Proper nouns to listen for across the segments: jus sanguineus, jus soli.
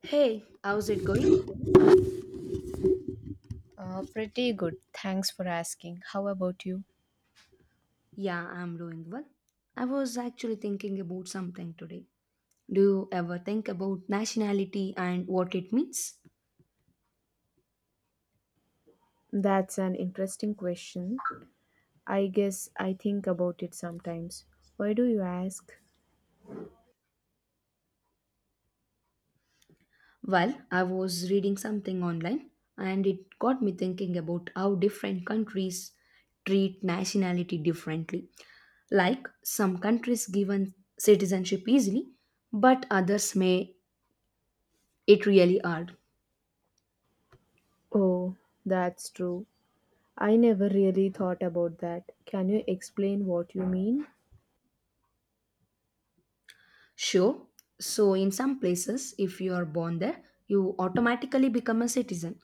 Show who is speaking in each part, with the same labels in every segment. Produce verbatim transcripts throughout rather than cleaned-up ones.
Speaker 1: Hey, how's it going?
Speaker 2: Uh, pretty good. Thanks for asking. How about you?
Speaker 1: Yeah, I'm doing well. I was actually thinking about something today. Do you ever think about nationality and what it means?
Speaker 2: That's an interesting question. I guess I think about it sometimes. Why do you ask?
Speaker 1: Well, I was reading something online and it got me thinking about how different countries treat nationality differently. Like some countries given citizenship easily, but others may it really hard.
Speaker 2: Oh, that's true. I never really thought about that. Can you explain what you mean?
Speaker 1: Sure. So, in some places, if you are born there, you automatically become a citizen.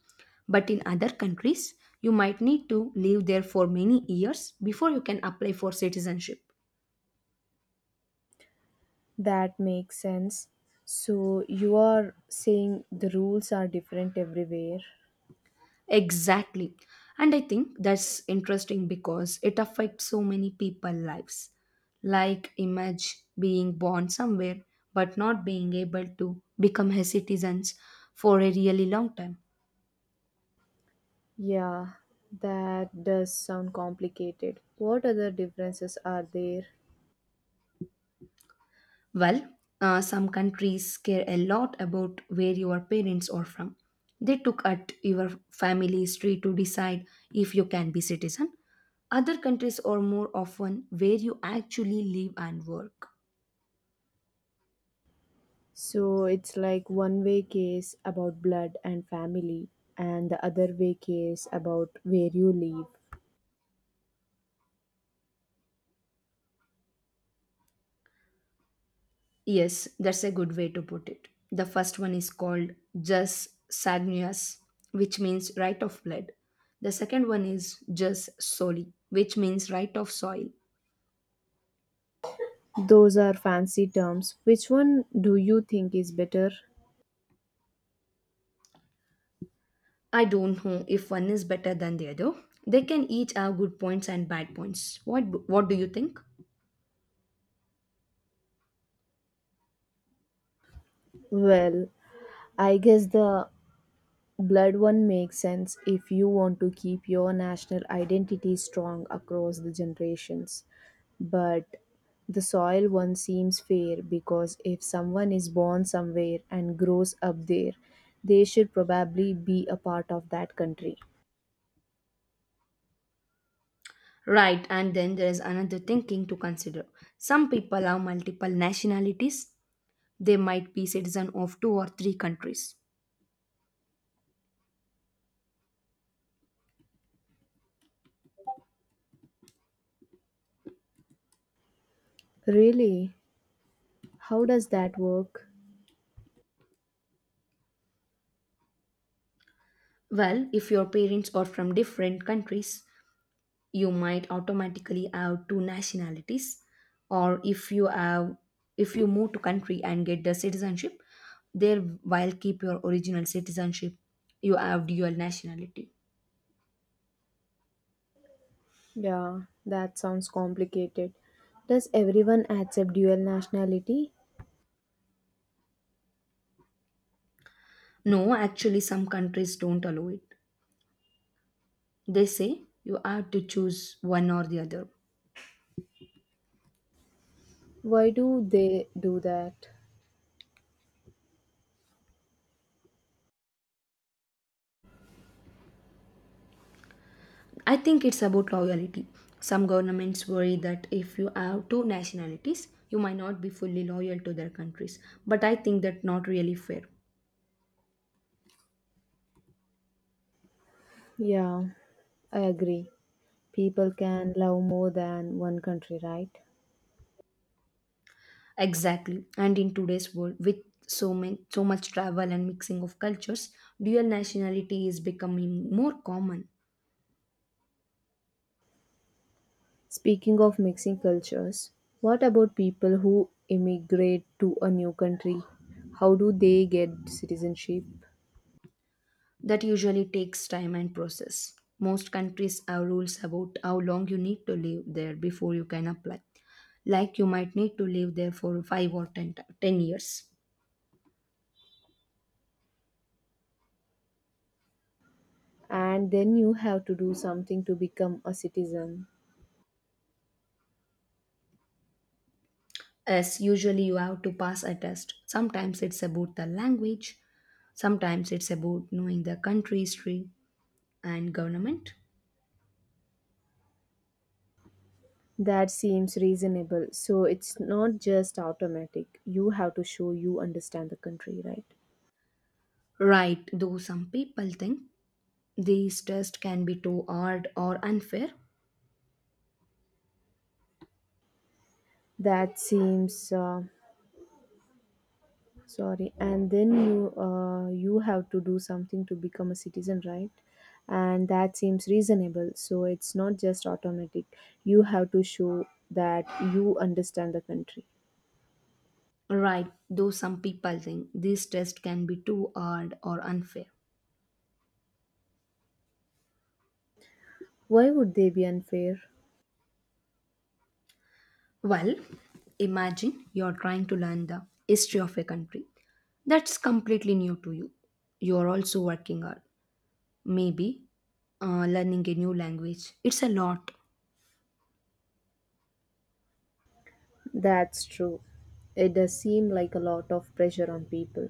Speaker 1: But in other countries, you might need to live there for many years before you can apply for citizenship.
Speaker 2: That makes sense. So, you are saying the rules are different everywhere?
Speaker 1: Exactly. And I think that's interesting because it affects so many people' lives. Like, image being born somewhere but not being able to become a citizen for a really long time.
Speaker 2: Yeah, that does sound complicated. What other differences are there?
Speaker 1: Well, uh, some countries care a lot about where your parents are from. They took at your family history to decide if you can be citizen. Other countries are more often where you actually live and work.
Speaker 2: So it's like one way case about blood and family, and the other way case about where you live.
Speaker 1: Yes, that's a good way to put it. The first one is called jus sanguineus, which means right of blood. The second one is jus soli, which means right of soil.
Speaker 2: Those are fancy terms. Which one do you think is better?
Speaker 1: I don't know if one is better than the other. They can each have good points and bad points. What what do you think?
Speaker 2: Well, I guess the blood one makes sense if you want to keep your national identity strong across the generations. But the soil one seems fair because if someone is born somewhere and grows up there, they should probably be a part of that country.
Speaker 1: Right, and then there is another thinking to consider. Some people have multiple nationalities. They might be citizen of two or three countries.
Speaker 2: Really? How does that work?
Speaker 1: Well, if your parents are from different countries, you might automatically have two nationalities or if you have if you move to country and get the citizenship there while keep your original citizenship you have dual nationality.
Speaker 2: Yeah, that sounds complicated. Does everyone accept dual nationality?
Speaker 1: No, actually some countries don't allow it. They say you have to choose one or the other.
Speaker 2: Why do they do that?
Speaker 1: I think it's about loyalty. Some governments worry that if you have two nationalities you might not be fully loyal to their countries, but I think that's not really fair.
Speaker 2: Yeah, I agree. People can love more than one country, right?
Speaker 1: Exactly. And in today's world, with so many, so much travel and mixing of cultures, dual nationality is becoming more common.
Speaker 2: Speaking of mixing cultures, what about people who immigrate to a new country? How do they get citizenship?
Speaker 1: That usually takes time and process. Most countries have rules about how long you need to live there before you can apply. Like you might need to live there for five or ten, ti- ten years.
Speaker 2: And then you have to do something to become a citizen.
Speaker 1: As usually you have to pass a test. Sometimes it's about the language, sometimes it's about knowing the country history and government.
Speaker 2: That seems reasonable. So it's not just automatic. You have to show you understand the country, right?
Speaker 1: Right, though some people think These tests can be too hard or unfair.
Speaker 2: That seems uh, sorry, and then you uh, you have to do something to become a citizen, right? And that seems reasonable, so it's not just automatic. You have to show that you understand the country.
Speaker 1: Right, though some people think these tests can be too hard or unfair.
Speaker 2: Why would they be unfair?
Speaker 1: Well, imagine you're trying to learn the history of a country that's completely new to you. You're also working hard. Maybe uh, learning a new language. It's a lot.
Speaker 2: That's true. It does seem like a lot of pressure on people.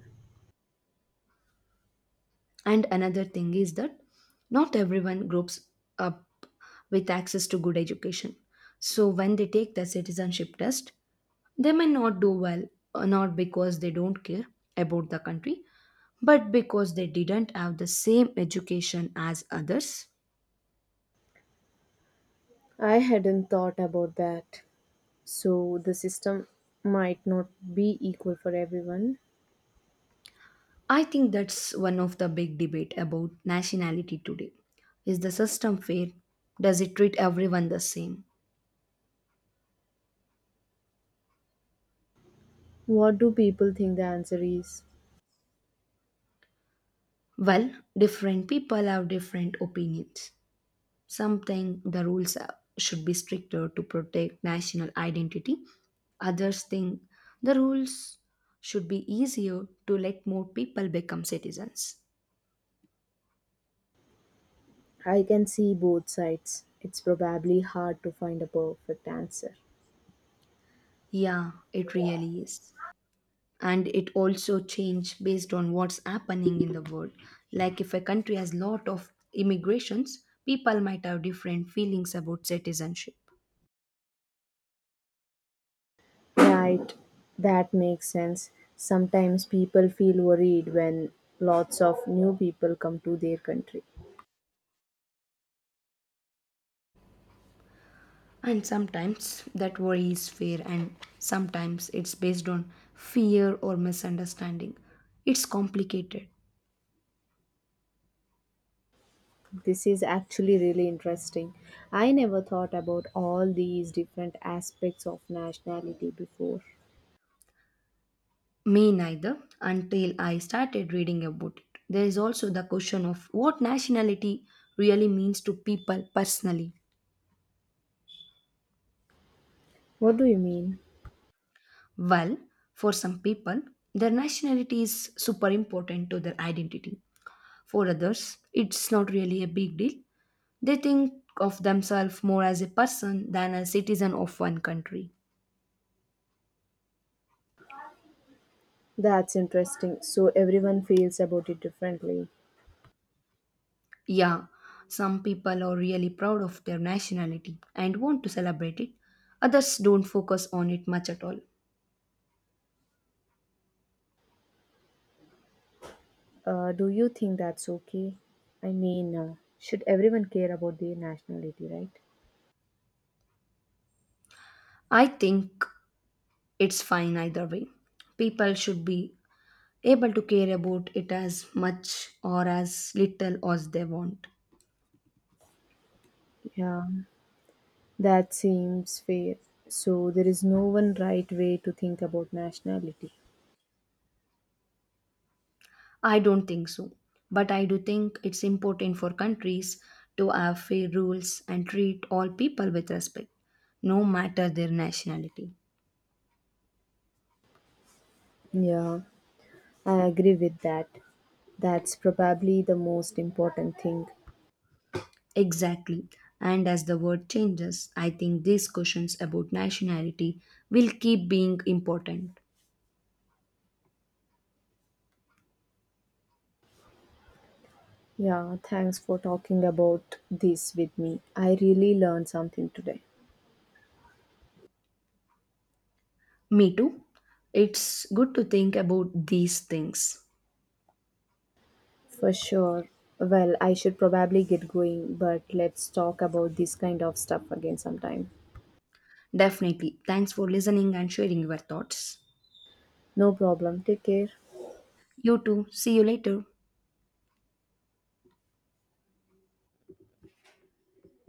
Speaker 1: And another thing is that not everyone grows up with access to good education. So when they take the citizenship test, they may not do well, uh, not because they don't care about the country, but because they didn't have the same education as others.
Speaker 2: I hadn't thought about that. So the system might not be equal for everyone.
Speaker 1: I think that's one of the big debate about nationality today. Is the system fair? Does it treat everyone the same?
Speaker 2: What do people think the answer is?
Speaker 1: Well, different people have different opinions. Something the rules uh, should be stricter to protect national identity. Others think the rules should be easier to let more people become citizens.
Speaker 2: I can see both sides. It's probably hard to find a perfect answer.
Speaker 1: Yeah, it really is. And it also change based on what's happening in the world. Like if a country has lot of immigrations, people might have different feelings about citizenship.
Speaker 2: Right, that makes sense. Sometimes people feel worried when lots of new people come to their country.
Speaker 1: And sometimes that worry is fair, and sometimes it's based on fear or misunderstanding. It's complicated.
Speaker 2: This is actually really interesting. I never thought about all these different aspects of nationality before.
Speaker 1: Me neither, until I started reading about it. There is also the question of what nationality really means to people personally.
Speaker 2: What do you mean?
Speaker 1: Well, for some people, their nationality is super important to their identity. For others, it's not really a big deal. They think of themselves more as a person than a citizen of one country.
Speaker 2: That's interesting. So everyone feels about it differently.
Speaker 1: Yeah, some people are really proud of their nationality and want to celebrate it. Others don't focus on it much at all.
Speaker 2: Uh, do you think that's okay? I mean, uh, should everyone care about their nationality, right?
Speaker 1: I think it's fine either way. People should be able to care about it as much or as little as they want.
Speaker 2: Yeah, that seems fair. So there is no one right way to think about nationality.
Speaker 1: I don't think so. But I do think it's important for countries to have fair rules and treat all people with respect, no matter their nationality.
Speaker 2: Yeah, I agree with that. That's probably the most important thing.
Speaker 1: Exactly. And as the world changes, I think these questions about nationality will keep being important.
Speaker 2: Yeah, thanks for talking about this with me. I really learned something today.
Speaker 1: Me too. It's good to think about these things.
Speaker 2: For sure. Well, I should probably get going, but let's talk about this kind of stuff again sometime.
Speaker 1: Definitely. Thanks for listening and sharing your thoughts.
Speaker 2: No problem. Take care.
Speaker 1: You too. See you later.